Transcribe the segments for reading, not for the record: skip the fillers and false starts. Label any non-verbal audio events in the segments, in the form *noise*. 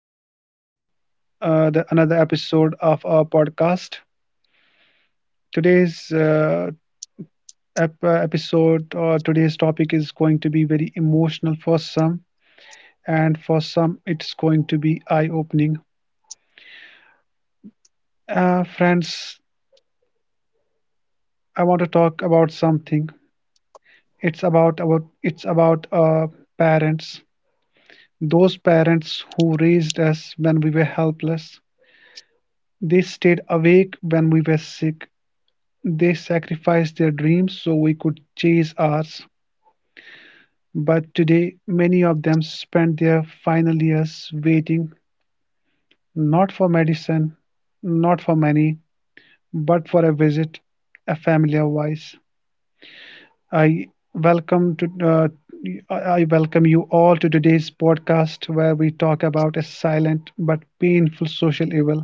welcome to the another episode of our podcast. Today's episode or today's topic is going to be very emotional for some, and for some, it's going to be eye-opening. Friends, I want to talk about something. It's about parents. Those parents who raised us when we were helpless. They stayed awake when we were sick. They sacrificed their dreams so we could chase ours, but today many of them spend their final years waiting not for medicine, not for money, but for a visit, a familiar voice. I welcome to uh, I welcome you all to today's podcast, where we talk about a silent but painful social evil,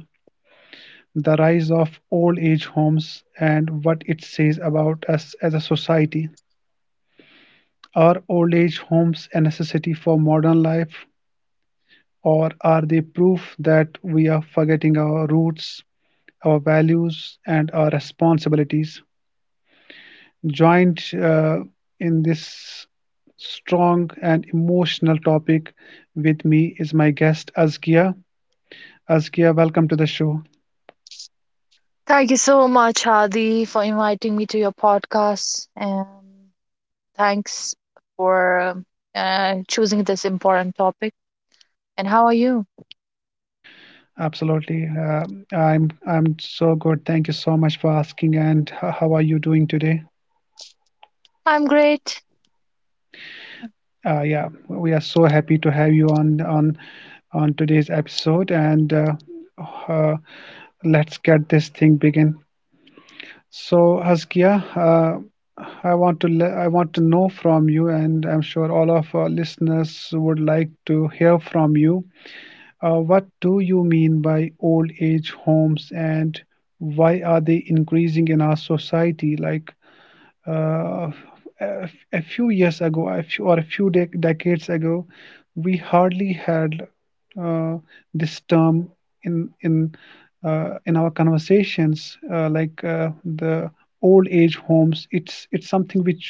the rise of old age homes and what it says about us as a society. Are old age homes a necessity for modern life, or are they proof that we are forgetting our roots, our values, and our responsibilities? Joined in this strong and emotional topic with me is my guest Azkia. Azkia, welcome to the show. Thank you so much, Hadi, for inviting me to your podcast. And thanks for choosing this important topic. And how are you? Absolutely, I'm so good. Thank you so much for asking. And how are you doing today? I'm great. Yeah, we are so happy to have you on today's episode, and uh, let's get this thing begin. So, Haskia, I want to know from you, and I'm sure all of our listeners would like to hear from you. What do you mean by old age homes, and why are they increasing in our society? Like, uh, a few years ago, a few, or a few dec decades ago, we hardly had uh, this term in in in our conversations, like the old age homes. It's something which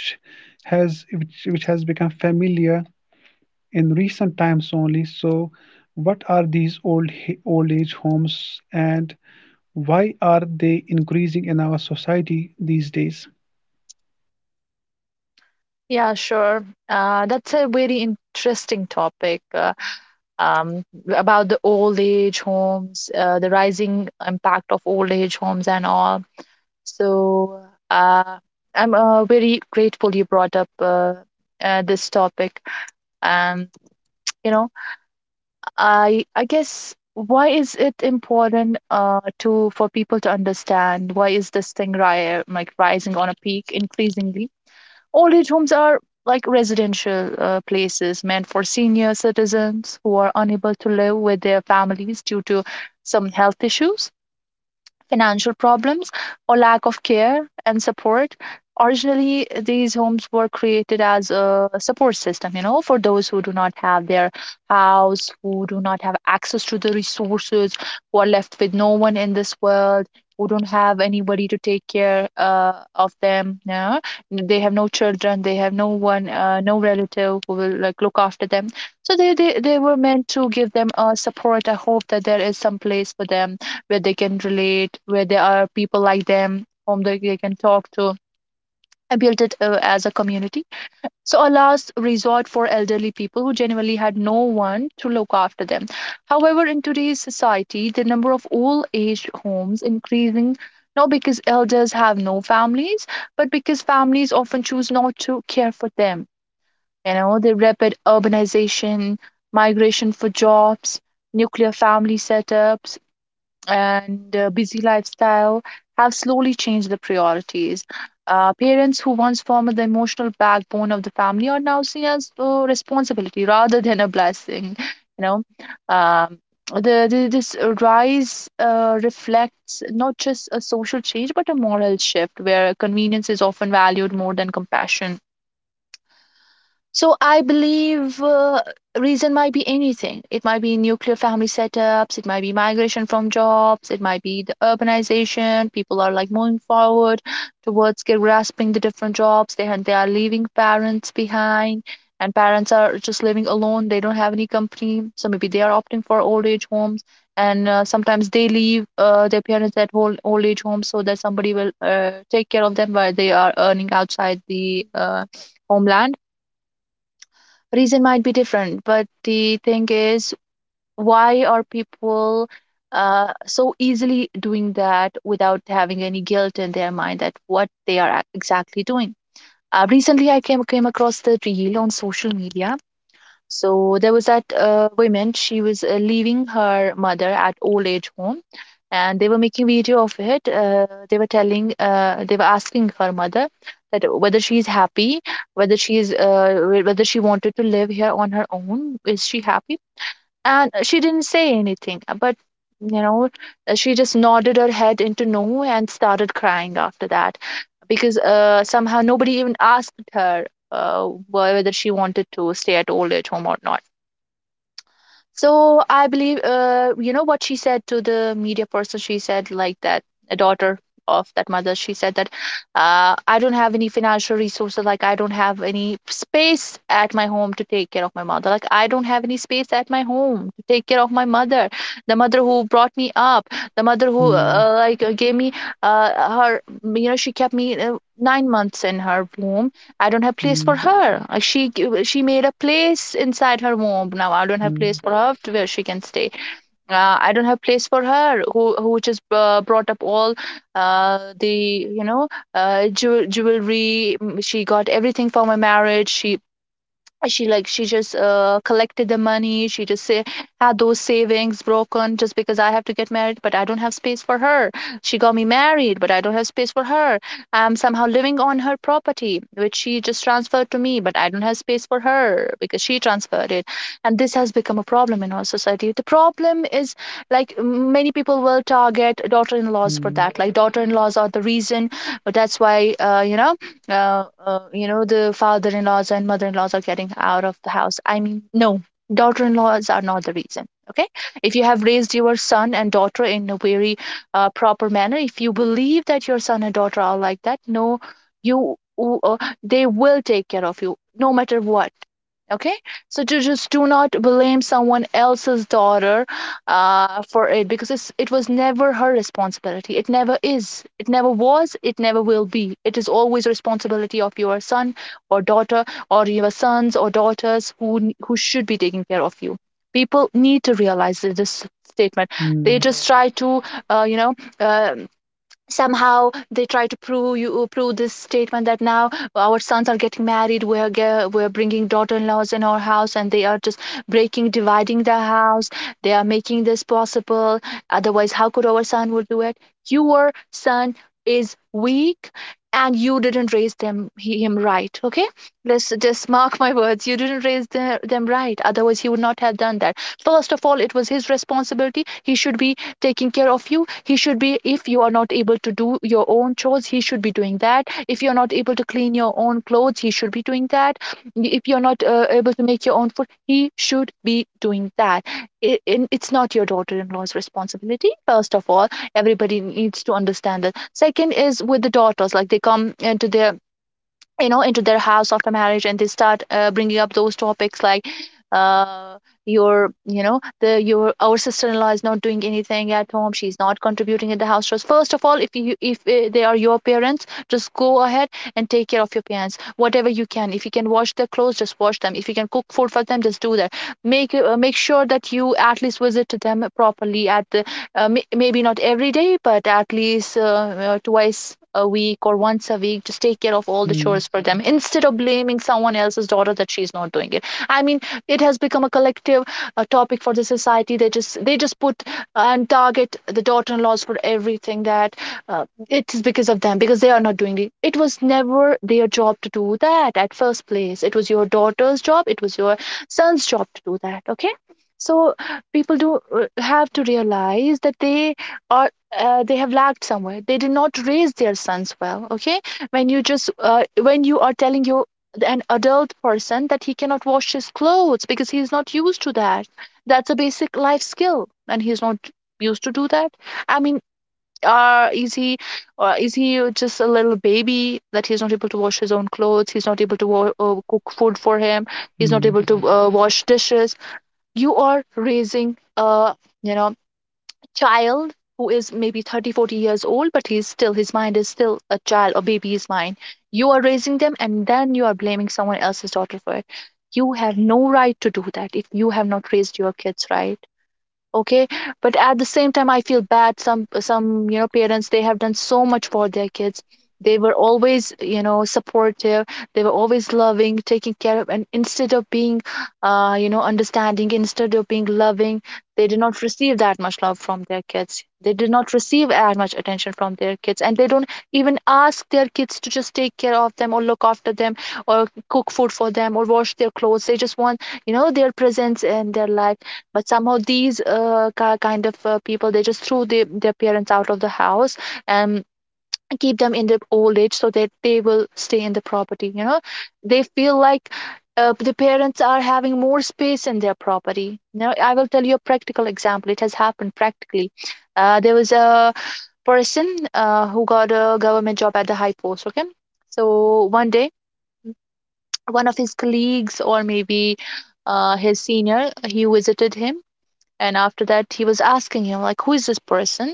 has which, which has become familiar in recent times only. So, what are these old age homes, and why are they increasing in our society these days? Yeah, sure. That's a very interesting topic, um, about the old age homes, the rising impact of old age homes, and all. So uh, I'm very grateful you brought up this topic. Um, you know. I guess why is it important to for people to understand why is this thing ri like rising on a peak increasingly? Old age homes are like residential places meant for senior citizens who are unable to live with their families due to some health issues, financial problems, or lack of care and support. Originally, these homes were created as a support system, you know, for those who do not have their house, who do not have access to the resources, who are left with no one in this world, who don't have anybody to take care of them. Yeah? They have no children, they have no one, no relative who will like look after them. So they were meant to give them a support, a hope that there is some place for them where they can relate, where there are people like them whom they can talk to. I built it as a community. So, a last resort for elderly people who genuinely had no one to look after them. However, in today's society, the number of old age homes increasing not because elders have no families, but because families often choose not to care for them. You know, the rapid urbanization, migration for jobs, nuclear family setups, and busy lifestyle have slowly changed the priorities. Parents who once formed the emotional backbone of the family are now seen as a responsibility rather than a blessing. You know, um, the this rise reflects not just a social change but a moral shift where convenience is often valued more than compassion. So I believe reason might be anything. It might be nuclear family setups, it might be migration from jobs, it might be the urbanization. People are like moving forward towards grasping the different jobs. They are leaving parents behind, and parents are just living alone. They don't have any company, so maybe they are opting for old age homes. And sometimes they leave their parents at old age homes so that somebody will take care of them while they are earning outside the homeland. Reason might be different, but the thing is, why are people so easily doing that without having any guilt in their mind that what they are exactly doing. Uh, recently I came across the reel on social media. So there was that woman, she was leaving her mother at old age home, and they were making video of it. They were telling, they were asking her mother that whether she is happy, whether she is, whether she wanted to live here on her own. Is she happy? And she didn't say anything, but you know, she just nodded her head into no and started crying after that, because somehow nobody even asked her whether she wanted to stay at old age home or not. So I believe, you know what she said to the media person. She said like that, a daughter of that mother. She said that I don't have any financial resources. Like I don't have any space at my home to take care of my mother. Like I don't have any space at my home to take care of my mother, the mother who brought me up, the mother who Hmm. Gave me her. You know, she kept me 9 months in her womb. I don't have place for Hmm. her. She she made a place inside her womb. Now I don't have Mm, place for her to where she can stay. I don't have place for her, who just brought up all the you know jew- jewelry. Mm, she got everything for my marriage. She just collected the money. She just say, had those savings broken just because I have to get married, but I don't have space for her. She got me married, but I don't have space for her. I'm somehow living on her property which she just transferred to me, but I don't have space for her because she transferred it. And this has become a problem in our society. The problem is, like, many people will target daughter-in-laws for mm, that. Like, daughter-in-laws are the reason. But that's why you know, the father in laws and mother in laws are getting out of the house. I mean, no, daughter in laws are not the reason. Okay. If you have raised your son and daughter in a very proper manner, if you believe that your son and daughter are like that, no, you, uh, they will take care of you no matter what. Okay. So to just do not blame someone else's daughter for it, because it's, it was never her responsibility. It never is. It never was. It never will be. It is always the responsibility of your son or daughter, or your sons or daughters, who should be taking care of you. People need to realize this statement. They mm, just try to, uh, you know. Uh, somehow they try to prove you, prove this statement that now our sons are getting married, we're bringing daughter-in-laws in our house, and they are just breaking, dividing the house. They are making this possible. Otherwise how could our son would do it? Your son is weak, and you didn't raise him right. Okay, let's just mark my words, you didn't raise them right, otherwise he would not have done that. First of all, it was his responsibility. He should be taking care of you. He should be, if you are not able to do your own chores, he should be doing that. If you're not able to clean your own clothes, he should be doing that. If you're not able to make your own food, he should be doing that. It's not your daughter-in-law's responsibility, first of all. Everybody needs to understand that. Second is with the daughters, like they come into their, you know, into their house after marriage, and they start bringing up those topics like uh your you know the your, our sister-in-law is not doing anything at home, she's not contributing in the house chores. First of all, if you if they are your parents, just go ahead and take care of your parents whatever you can. If you can wash their clothes, just wash them. If you can cook food for them, just do that. Make sure that you at least visit to them properly at the maybe not every day, but at least twice a week or once a week, just take care of all the mm, chores for them, instead of blaming someone else's daughter that she's not doing it. I mean, it has become a collective topic for the society. They just put and target the daughter-in-laws for everything, that it is because of them, because they are not doing it. It was never their job to do that at first place. It was your daughter's job, it was your son's job to do that. Okay. So people do have to realize that they are they have lagged somewhere. They did not raise their sons well. Okay. When you just when you are telling you an adult person that he cannot wash his clothes because he's not used to that, that's a basic life skill, and he's not used to do that. I mean, uh, is he is he just a little baby that he's not able to wash his own clothes, he's not able to cook food for him, he's not mm, able to wash dishes? You are raising a, you know, child who is maybe 30, 40 years old, but he's still, his mind is still a child or baby's mind. You are raising them, and then you are blaming someone else's daughter for it. You have no right to do that if you have not raised your kids right. Okay. But at the same time, I feel bad, some, you know, parents, they have done so much for their kids. They were always, you know, supportive. They were always loving, taking care of, and instead of being uh, you know, understanding, instead of being loving, they did not receive that much love from their kids. They did not receive as much attention from their kids, and they don't even ask their kids to just take care of them or look after them or cook food for them or wash their clothes. They just want, their presence in their life. But somehow these kind of people, they just threw their parents out of the house and keep them in the old age so that they will stay in the property, you know. They feel like the parents are having more space in their property. Now I will tell you a practical example. It has happened practically. There was a person who got a government job at the high post, okay. So one day, one of his colleagues, or maybe his senior, he visited him, and after that, he was asking him, like, who is this person?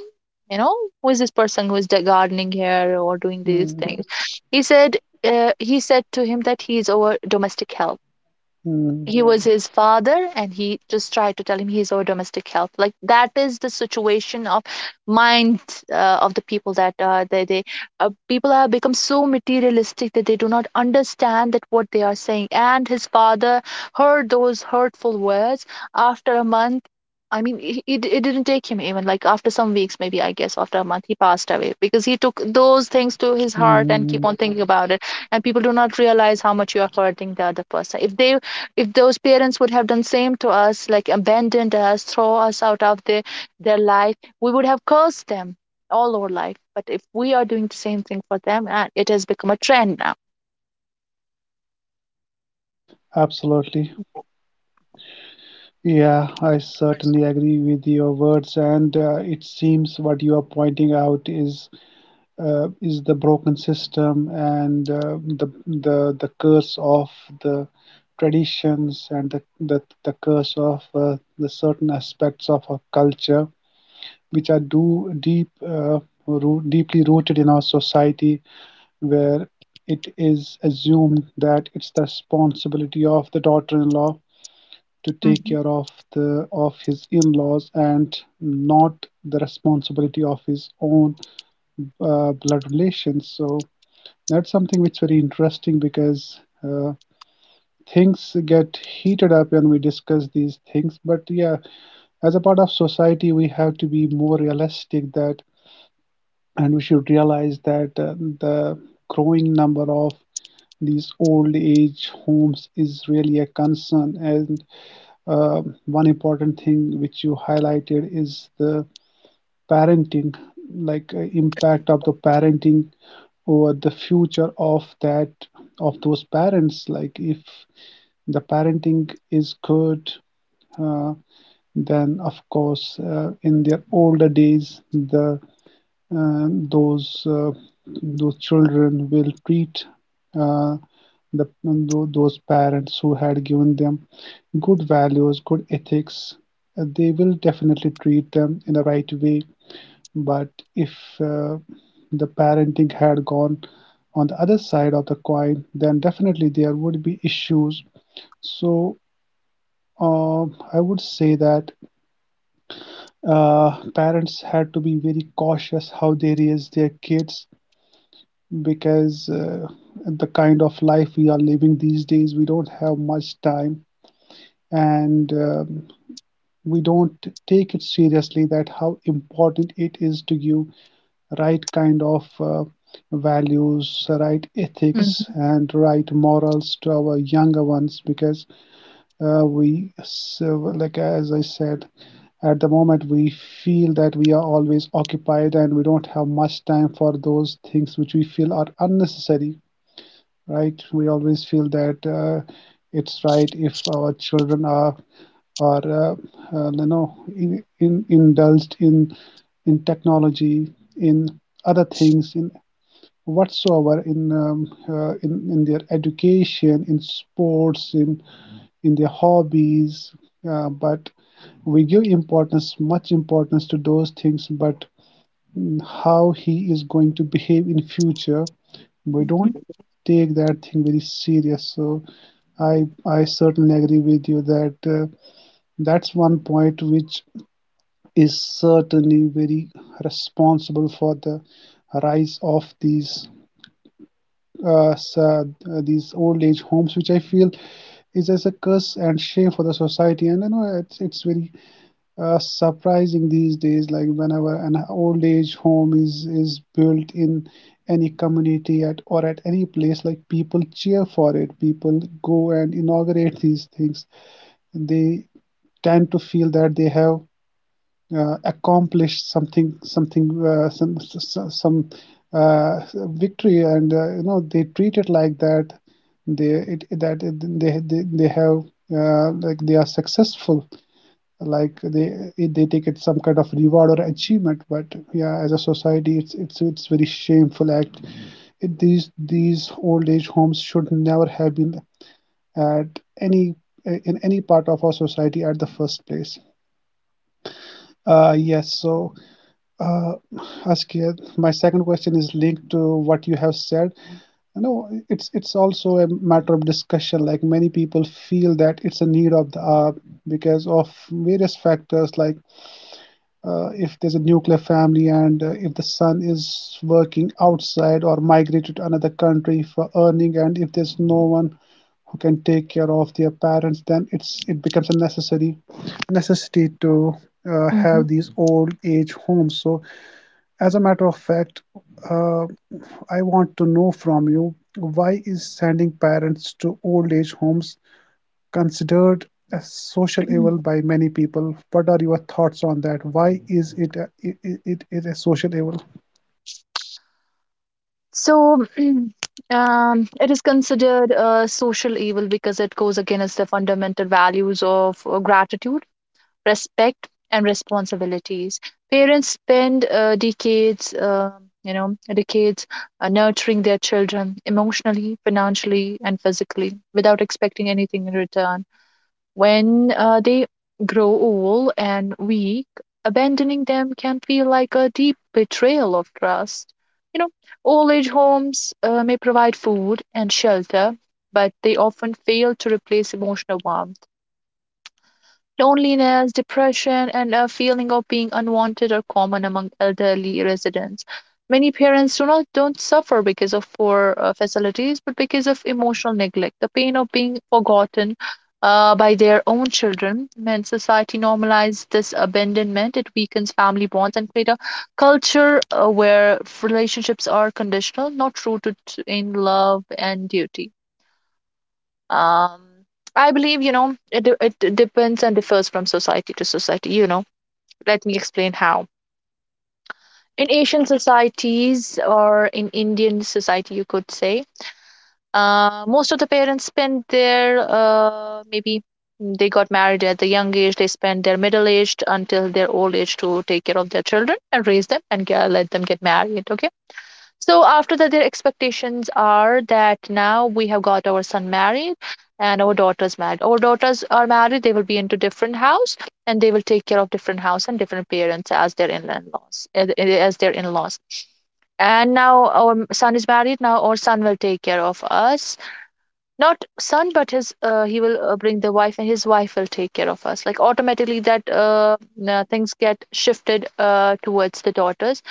You know, who is this person who is gardening here or doing these mm, things? He said, he said to him that he is our domestic help. mm, He was his father, and he just tried to tell him he's our domestic help. Like, that is the situation of mind of the people, that they people have become so materialistic that they do not understand that what they are saying. And his father heard those hurtful words. After a month, I mean, it didn't take him even, like, after some weeks, maybe I guess after a month, he passed away, because he took those things to his heart and keep mm. on thinking about it. And people do not realize how much you are hurting the other person. If they, if those parents would have done same to us, like abandoned us, throw us out of their life, we would have cursed them all our life. But if we are doing the same thing for them, it has become a trend now. Absolutely. Yeah, I certainly agree with your words, and it seems what you are pointing out is the broken system, and the curse of the traditions, and the curse of the certain aspects of our culture which are deeply rooted in our society, where it is assumed that it's the responsibility of the daughter-in-law to take Mhm, care of the of his in-laws and not the responsibility of his own blood relations. So that's something which is very interesting, because uh, things get heated up when we discuss these things. But yeah, as a part of society, we have to be more realistic that and we should realize that the growing number of these old age homes is really a concern, and one important thing which you highlighted is the parenting, like impact of the parenting over the future of those parents, like if the parenting is good, uh, then of course in their older days the um, those uh, those children will treat uh, the those parents who had given them good values, good ethics. They will definitely treat them in the right way. But if uh, the parenting had gone on the other side of the coin, then definitely there would be issues. So uh, I would say that parents had to be very cautious how they raise their kids, because the kind of life we are living these days, we don't have much time, and we don't take it seriously that how important it is to give right kind of values, right ethics, and right morals to our younger ones, because so, like as I said, at the moment we feel that we are always occupied and we don't have much time for those things which we feel are unnecessary, right? We always feel that it's right if our children are indulged in technology, in other things, in whatsoever, in their education, in sports, in their hobbies, but we give importance to those things. But how he is going to behave in future, we mhm, don't take that thing very serious. So I certainly agree with you that, that's one point which is certainly very responsible for the rise of uh, uh, these old age homes, which I feel is as a curse and shame for the society. And it's very surprising these days, like whenever an old age home is built in any community at any place, like people cheer for it. People go and inaugurate these things. They tend to feel that they have accomplished something something some uh, victory. And they treat it like that, they it, that it, they have like they are successful, like they take it some kind of reward or achievement. But yeah, as a society, it's very shameful act. These old age homes should never have been at any in any part of our society at the first place. Yes, so uh Askia, my second question is linked to what you have said. No, it's also a matter of discussion. Like, many people feel that it's a need of the hour because of various factors, like if there's a nuclear family, and if the son is working outside or migrated to another country for earning, and if there's no one who can take care of their parents, then it becomes a necessary necessity to mhm, have these old age homes. So, as a matter of fact, uh, I want to know from you, why is sending parents to old age homes considered a social mhm. evil by many people? What are your thoughts on that? Why is it it is a social evil? So *clears throat* it is considered a social evil because it goes against the fundamental values of gratitude, respect and responsibilities. Parents spend decades, you know, decades nurturing their children emotionally, financially, and physically without expecting anything in return. When they grow old and weak, abandoning them can feel like a deep betrayal of trust. You know, old age homes may provide food and shelter, but they often fail to replace emotional warmth. Loneliness, depression, and a feeling of being unwanted are common among elderly residents. Many parents do not don't suffer because of poor facilities, but because of emotional neglect, the pain of being forgotten by their own children. When society normalizes this abandonment, it weakens family bonds and create a culture where relationships are conditional, not rooted in love and duty. Um, I believe, you know, it, de- it d- depends and differs from society to society. You know, let me explain how. In Asian societies, or in Indian society, you could say, most of the parents spend their maybe they got married at the young age, they spend their middle age until their old age to take care of their children and raise them, and let them get married. Okay, so after that, their expectations are that now we have got our son married and our daughters married. Our daughters are married; they will be into different house and they will take care of different house and different parents as their in-laws, as their in-laws. And now our son is married. Now our son will take care of us. Not son, but his he will bring the wife, and his wife will take care of us. Like, automatically, that things get shifted towards the daughters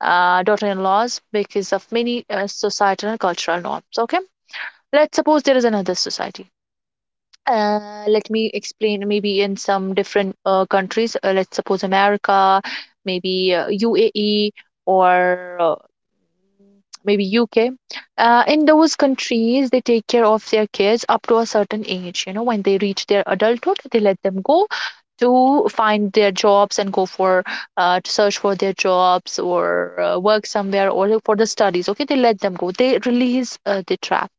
daughter-in-laws because of many societal and cultural norms. Okay, let's suppose there is another society. Let me explain. Maybe in some different countries, let's suppose America, maybe UAE, or maybe UK. In those countries, they take care of their kids up to a certain age. You know, when they reach their adulthood, they let them go to find their jobs and go for to search for their jobs, or work somewhere, or for the studies. Okay, they let them go. They release the trap.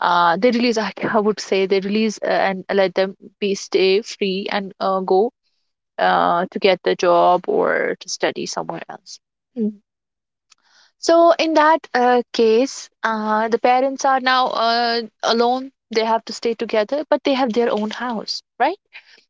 They release, *laughs* I would say, they release and let them be stay free and go to get the job or to study somewhere else. So in that case, the parents are now alone. They have to stay together, but they have their own house, right?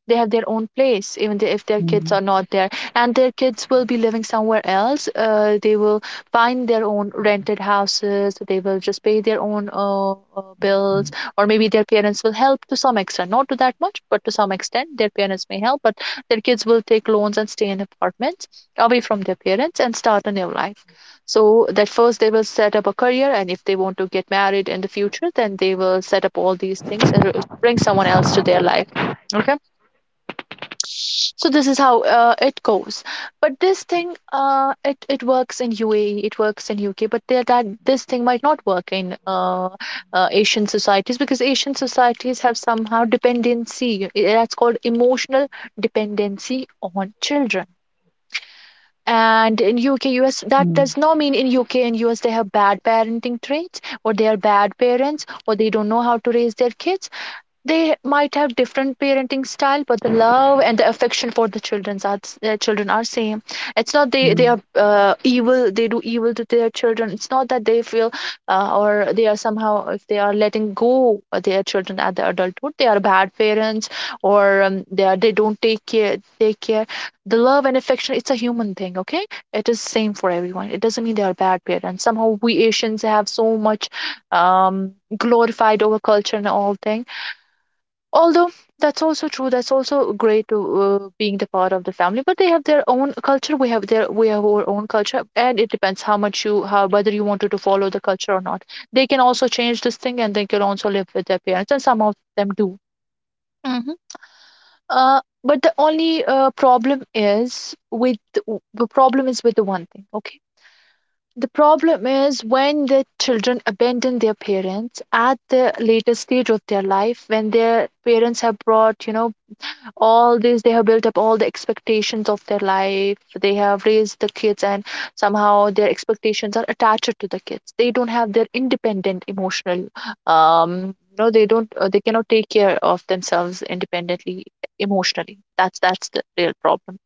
They have their own place, even if their kids are Mm, not there. And their kids will be living somewhere else. They will find their own rented houses. They will just pay their own bills, or maybe their parents will help to some extent, not to that much, but to some extent, their parents may help. But their kids will take loans and stay in apartments away from their parents and start a new life. So that first they will set up a career, and if they want to get married in the future, then they will set up all these things and bring someone else to their life. Okay, so this is how it goes. But this thing, it it works in UAE, it works in UK, but there, that this thing might not work in Asian societies, because Asian societies have somehow dependency, that's called emotional dependency on children. And in UK, US, that mm, does not mean in UK and US they have bad parenting traits, or they are bad parents, or they don't know how to raise their kids. They might have different parenting style, but the love and the affection for the children are, their children are same. It's not they they mm, are evil. They do evil to their children. It's not that they feel or they are somehow, if they are letting go of their children at the adulthood, they are bad parents, or they are, they don't take care, take care. The love and affection, it's a human thing. Okay, it is same for everyone. It doesn't mean they are bad parents. Somehow we Asians have so much glorified over culture and all things. Although that's also true, that's also great to being the part of the family. But they have their own culture. We have their, we have our own culture, and it depends how much you, how, whether you wanted to follow the culture or not. They can also change this thing, and they can also live with their parents, and some of them do. Hmm. Uh, but the only problem is with, the problem is with the one thing. Okay, the problem is when the children abandon their parents at the later stage of their life, when their parents have brought, you know, all this, they have built up all the expectations of their life, they have raised the kids, and somehow their expectations are attached to the kids. They don't have their independent emotional, no, they don't they cannot take care of themselves independently emotionally. That's the real problem.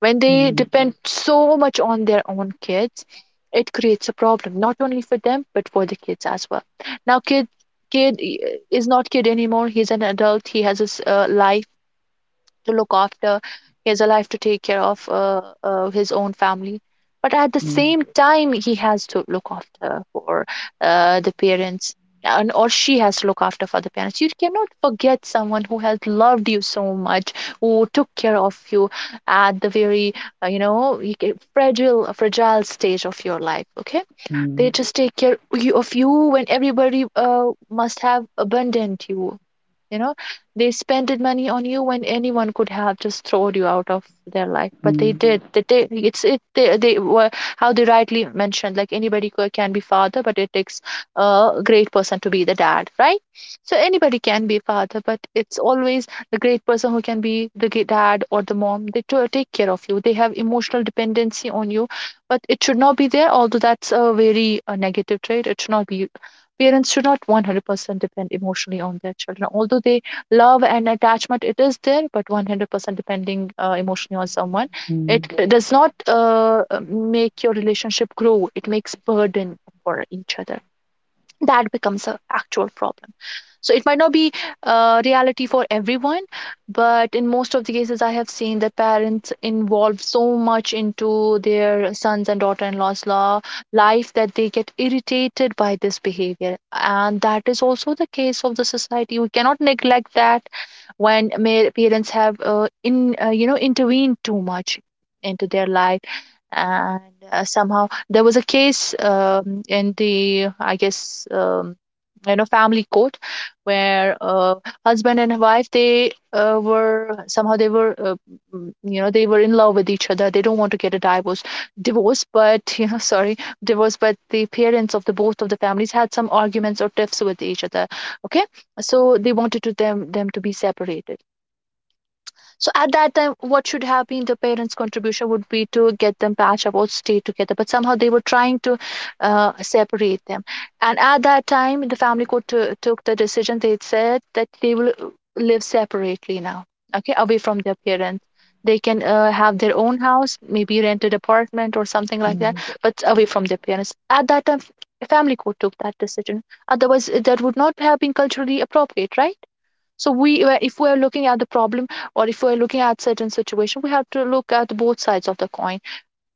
When they mm, depend so much on their own kids, it creates a problem not only for them but for the kids as well. Now kid i- is not kid anymore, he's an adult. He has his life to look after. He has a life to take care of his own family. But at the mm, same time, he has to look after for the parents, and, or she has to look after for the parents. You cannot forget someone who has loved you so much, who took care of you at the very you know, you fragile fragile stage of your life. Okay, they mm, just take care of you when everybody must have abandoned you you know They spent it money on you when anyone could have just thrown you out of their life, mm, but they mm, did they did They were, how they rightly mentioned, like anybody can be father, but it takes a great person to be the dad, right? So anybody can be father, but it's always the great person who can be the dad or the mom. They to take care of you, they have emotional dependency on you, but it should not be there. Although that's a very negative trait, it should not be. Parents should not 100% depend emotionally on their children. Although they love and attachment it is there, but 100% depending emotionally on someone, it mm, does not make your relationship grow, it makes burden for each other. That becomes an actual problem. So it might not be reality for everyone, but in most of the cases I have seen that parents involve so much into their sons and daughter-in-law's law life that they get irritated by this behavior, and that is also the case of the society, we cannot neglect that. When parents have in intervened too much into their life, and somehow there was a case, in the, I guess, you know, family court, where husband and wife, they were, somehow they were, you know, they were in love with each other, they don't want to get a divorce but *laughs* you know, sorry, divorce, but the parents of the both of the families had some arguments or tiffs with each other. Okay, so they wanted to them to be separated. So at that time, what should have been the parents' contribution would be to get them patched up or stay together. But somehow they were trying to separate them. And at that time, the family court took the decision. They said that they will live separately now, okay, away from their parents. They can have their own house, maybe rented apartment or something like that, but away from their parents. At that time, family court took that decision. Otherwise, that would not have been culturally appropriate, right? So we, if we're looking at the problem or if we're looking at certain situation, we have to look at both sides of the coin.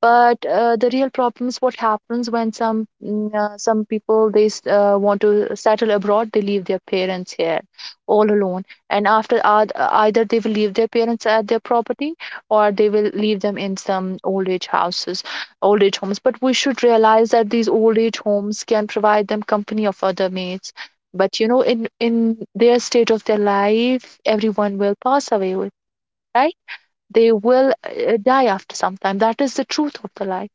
But the real problem is what happens when some, some people they want to settle abroad, they leave their parents here all alone, and either they will leave their parents at their property, or they will leave them in some old age houses, old age homes. But we should realize that these old age homes can provide them company of other mates, but you know, in their state of their life, everyone will pass away with, right? They will die after some time, that is the truth of the life.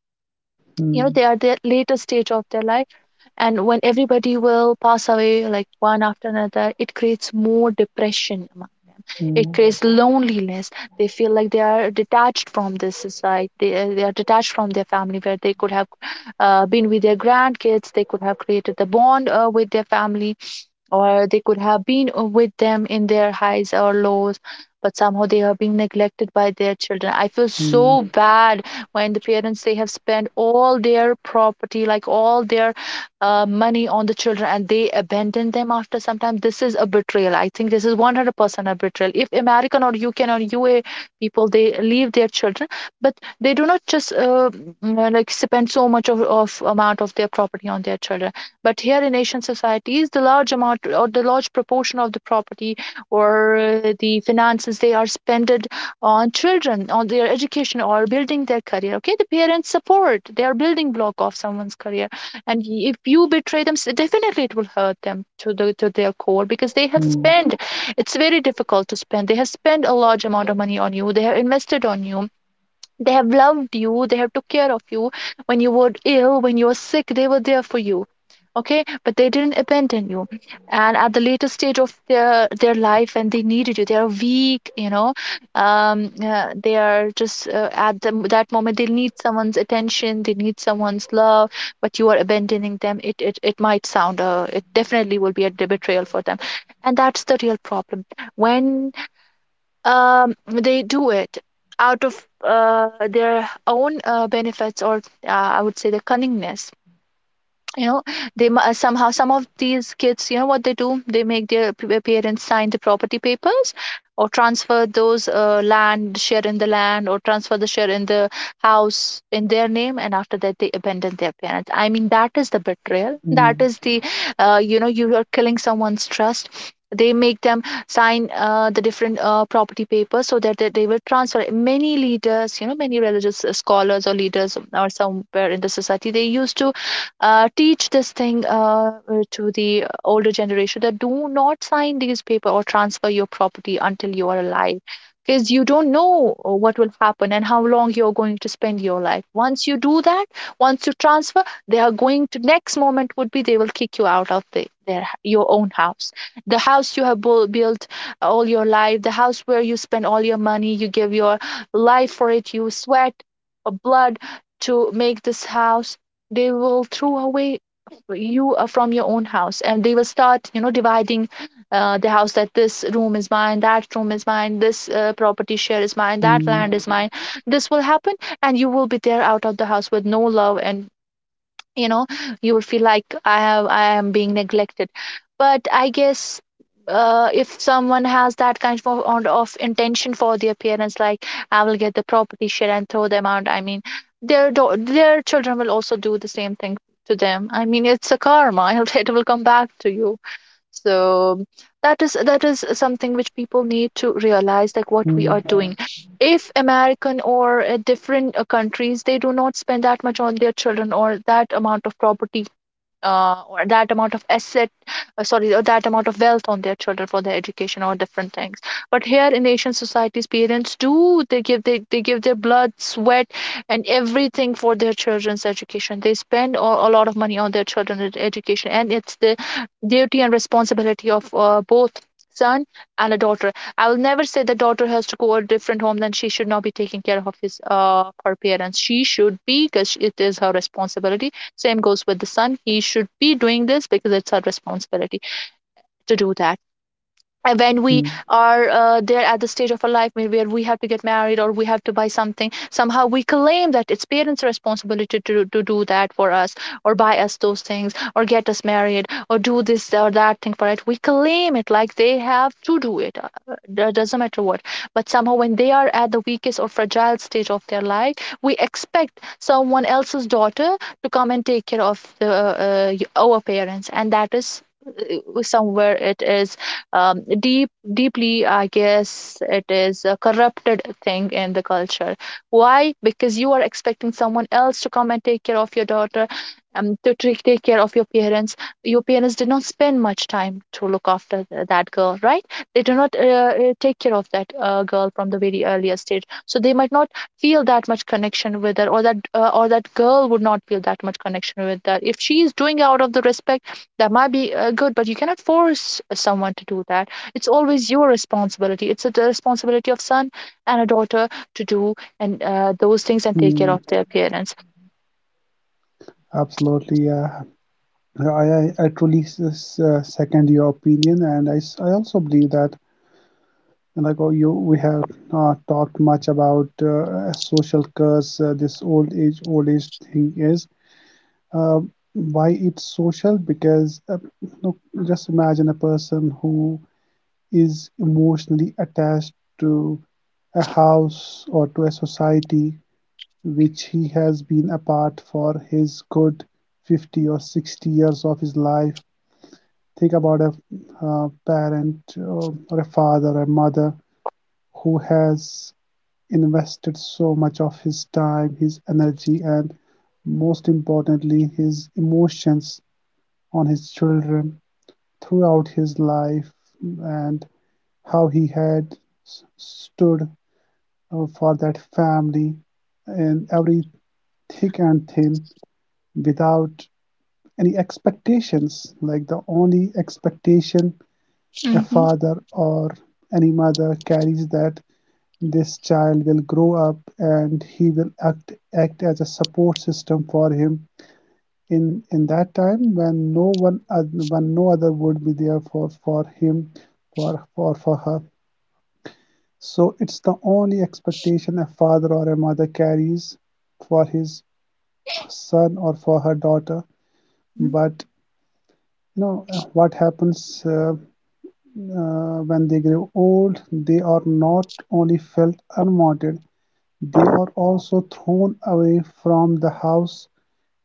You know, mm, they are the later stage of their life, and when everybody will pass away like one after another, it creates more depression among. mm, It mm, creates loneliness. They feel like they are detached from this society, they are detached from their family, where they could have been with their grandkids, they could have created the bond with their family, or they could have been with them in their highs or lows, but somehow they are being neglected by their children. I feel mm, so bad when the parents, they have spent all their property, like all their money on the children, and they abandon them after some time. This is a betrayal, I think. This is 100% a betrayal. If american or uk or ua people, they leave their children, but they do not just like spend so much of amount of their property on their children. But here in Asian societies, the large amount or the large proportion of the property or the finances, they are spended on children, on their education or building their career. Okay, the parents support; they are building block of someone's career, and if you betray them, definitely it will hurt them to the to their core, because they have mm, mm, spent. It's very difficult to spend. They have spent a large amount of money on you. They have invested on you, they have loved you, they have took care of you. When you were ill, when you were sick, they were there for you. Okay, but they didn't abandon you. And at the later stage of their life, and they needed you, they are weak, you know, they are just at the, that moment, they need someone's attention, they need someone's love, but you are abandoning them. It might sound it definitely will be a betrayal for them, and that's the real problem. When they do it out of their own benefits or uh, I would say the cunningness, you know, somehow some of these kids, you know what they do, they make their parents sign the property papers, or transfer those land share in the land, or transfer the share in the house in their name, and after that they abandon their parents. I mean, that is the betrayal, that is the you know, you are killing someone's trust. They make them sign the different property papers so that they will transfer. Many leaders, you know, many religious scholars or leaders or somewhere in the society, they used to teach this thing to the older generation, that do not sign these paper or transfer your property until you are alive, because you don't know what will happen and how long you're going to spend your life once you do that. Once you transfer, they are going to, next moment would be, they will kick you out of the, their your own house, the house you have built all your life, the house where you spend all your money, you give your life for it, you sweat blood to make this house. They will throw away you from your own house, and they will start, you know, dividing the house, that this room is mine, that room is mine, this property share is mine, that mm, land is mine. This will happen, and you will be there out of the house with no love, and you know, you would feel like I am being neglected. But I guess if someone has that kind of intention for their parents, like I will get the property share and throw them out, I mean, their their children will also do the same thing to them. I mean, it's a karma, *laughs* it will come back to you. So that is, that is something which people need to realize, like what we are mm, doing. If american or different countries, they do not spend that much on their children, or that amount of property or that amount of asset, sorry, or that amount of wealth on their children for their education or different things. But here in asian societies, parents do, they give, they give their blood sweat and everything for their children's education. They spend a lot of money on their children's education, and it's the duty and responsibility of both son and a daughter. I will never say the daughter has to go to a different home, then she should not be taking care of his her parents, she should be, because it is her responsibility. Same goes with the son. He should be doing this because it's our responsibility to do that. When we mm, are there at the stage of our life where we have to get married or we have to buy something, somehow we claim that it's parents responsibility to do that for us, or buy us those things or get us married or do this or that thing for it, we claim it like they have to do it, it doesn't matter what. But somehow when they are at the weakest or fragile stage of their life, we expect someone else's daughter to come and take care of the our parents, and that is somewhere it is deeply, I guess, it is a corrupted thing in the culture. Why? Because you are expecting someone else to come and take care of your daughter, to take care of your parents. Your parents did not spend much time to look after that girl, right? They do not take care of that girl from the very earlier stage, so they might not feel that much connection with her, or that girl would not feel that much connection with her. If she is doing out of the respect, that might be good, but you cannot force someone to do that. It's always your responsibility, it's the responsibility of son and a daughter to do and those things and take care mm. of their parents. Absolutely, yeah. I truly second your opinion, and I also believe that. And like we have talked much about social curse. This old age thing is uh, why it's social, because look, just imagine a person who is emotionally attached to a house or to a society which he has been a part for his good 50 or 60 years of his life. Think about a parent, or a father, or a mother who has invested so much of his time, his energy, and most importantly, his emotions on his children throughout his life, and how he had stood for that family in every thick and thin, without any expectations. Like, the only expectation a Hmm. father or any mother carries, that this child will grow up and he will act as a support system for him in that time when no other would be there for him, for her. So it's the only expectation a father or a mother carries for his son or for her daughter. But what happens, when they grow old? They are not only felt unwanted, they are also thrown away from the house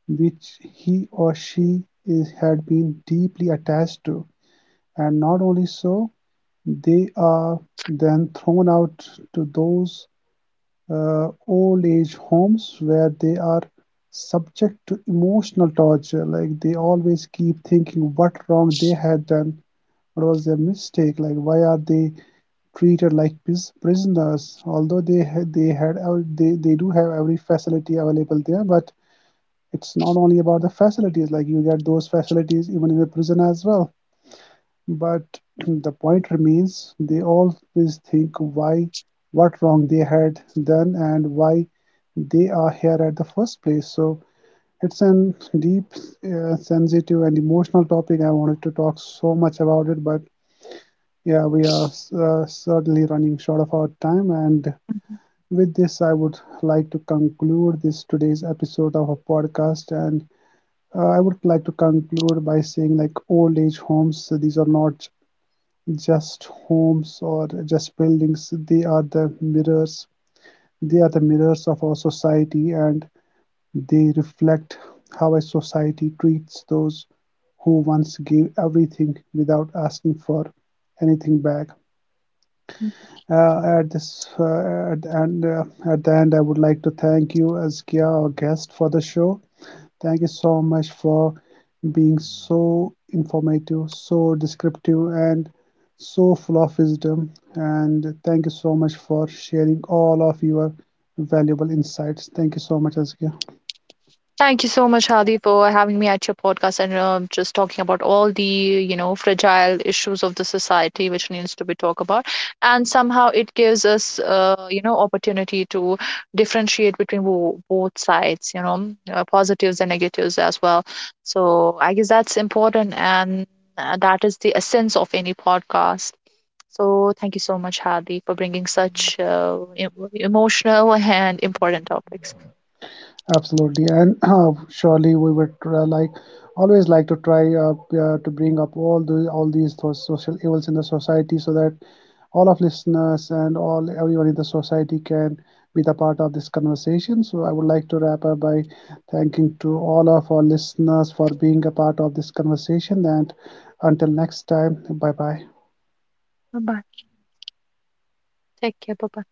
which he or she had been deeply attached to, and not only so, they are then thrown out to those old age homes where they are subject to emotional torture. Like, they always keep thinking what wrong they had done, what was their mistake, like why are they treated like prisoners, although they ha- they had they do have every facility available there. But it's not only about the facilities, like you get those facilities even in the prison as well. But *clears throat* the point remains, they always think why, what wrong they had done, and why they are here at the first place. So it's an deep, sensitive and emotional topic. I wanted to talk so much about it, but yeah, we are certainly running short of our time, and Mhm. with this, I would like to conclude this today's episode of a podcast, and I would like to conclude by saying, like, old age homes, these are not just homes or just buildings, they are the mirrors, they are the mirrors of our society, and they reflect how a society treats those who once gave everything without asking for anything back. At this at, and At the end, I would like to thank you as our guest for the show. Thank you so much for being so informative, so descriptive, and so full of wisdom. And thank you so much for sharing all of your valuable insights. Thank you so much, Azkia. Thank you so much, Hadi, for having me at your podcast, and just talking about all the, you know, fragile issues of the society which needs to be talked about. And somehow it gives us, you know, opportunity to differentiate between both sides, you know, positives and negatives as well. So I guess that's important, and that is the essence of any podcast. So thank you so much, Hadi, for bringing such emotional and important topics. Absolutely, and *clears throat* surely we would like always like to try to bring up all these social evils in the society, so that all of listeners and all everyone in the society can be the part of this conversation. So I would like to wrap up by thanking to all of our listeners for being a part of this conversation. And until next time, bye bye. Bye bye. Take care. Bye bye.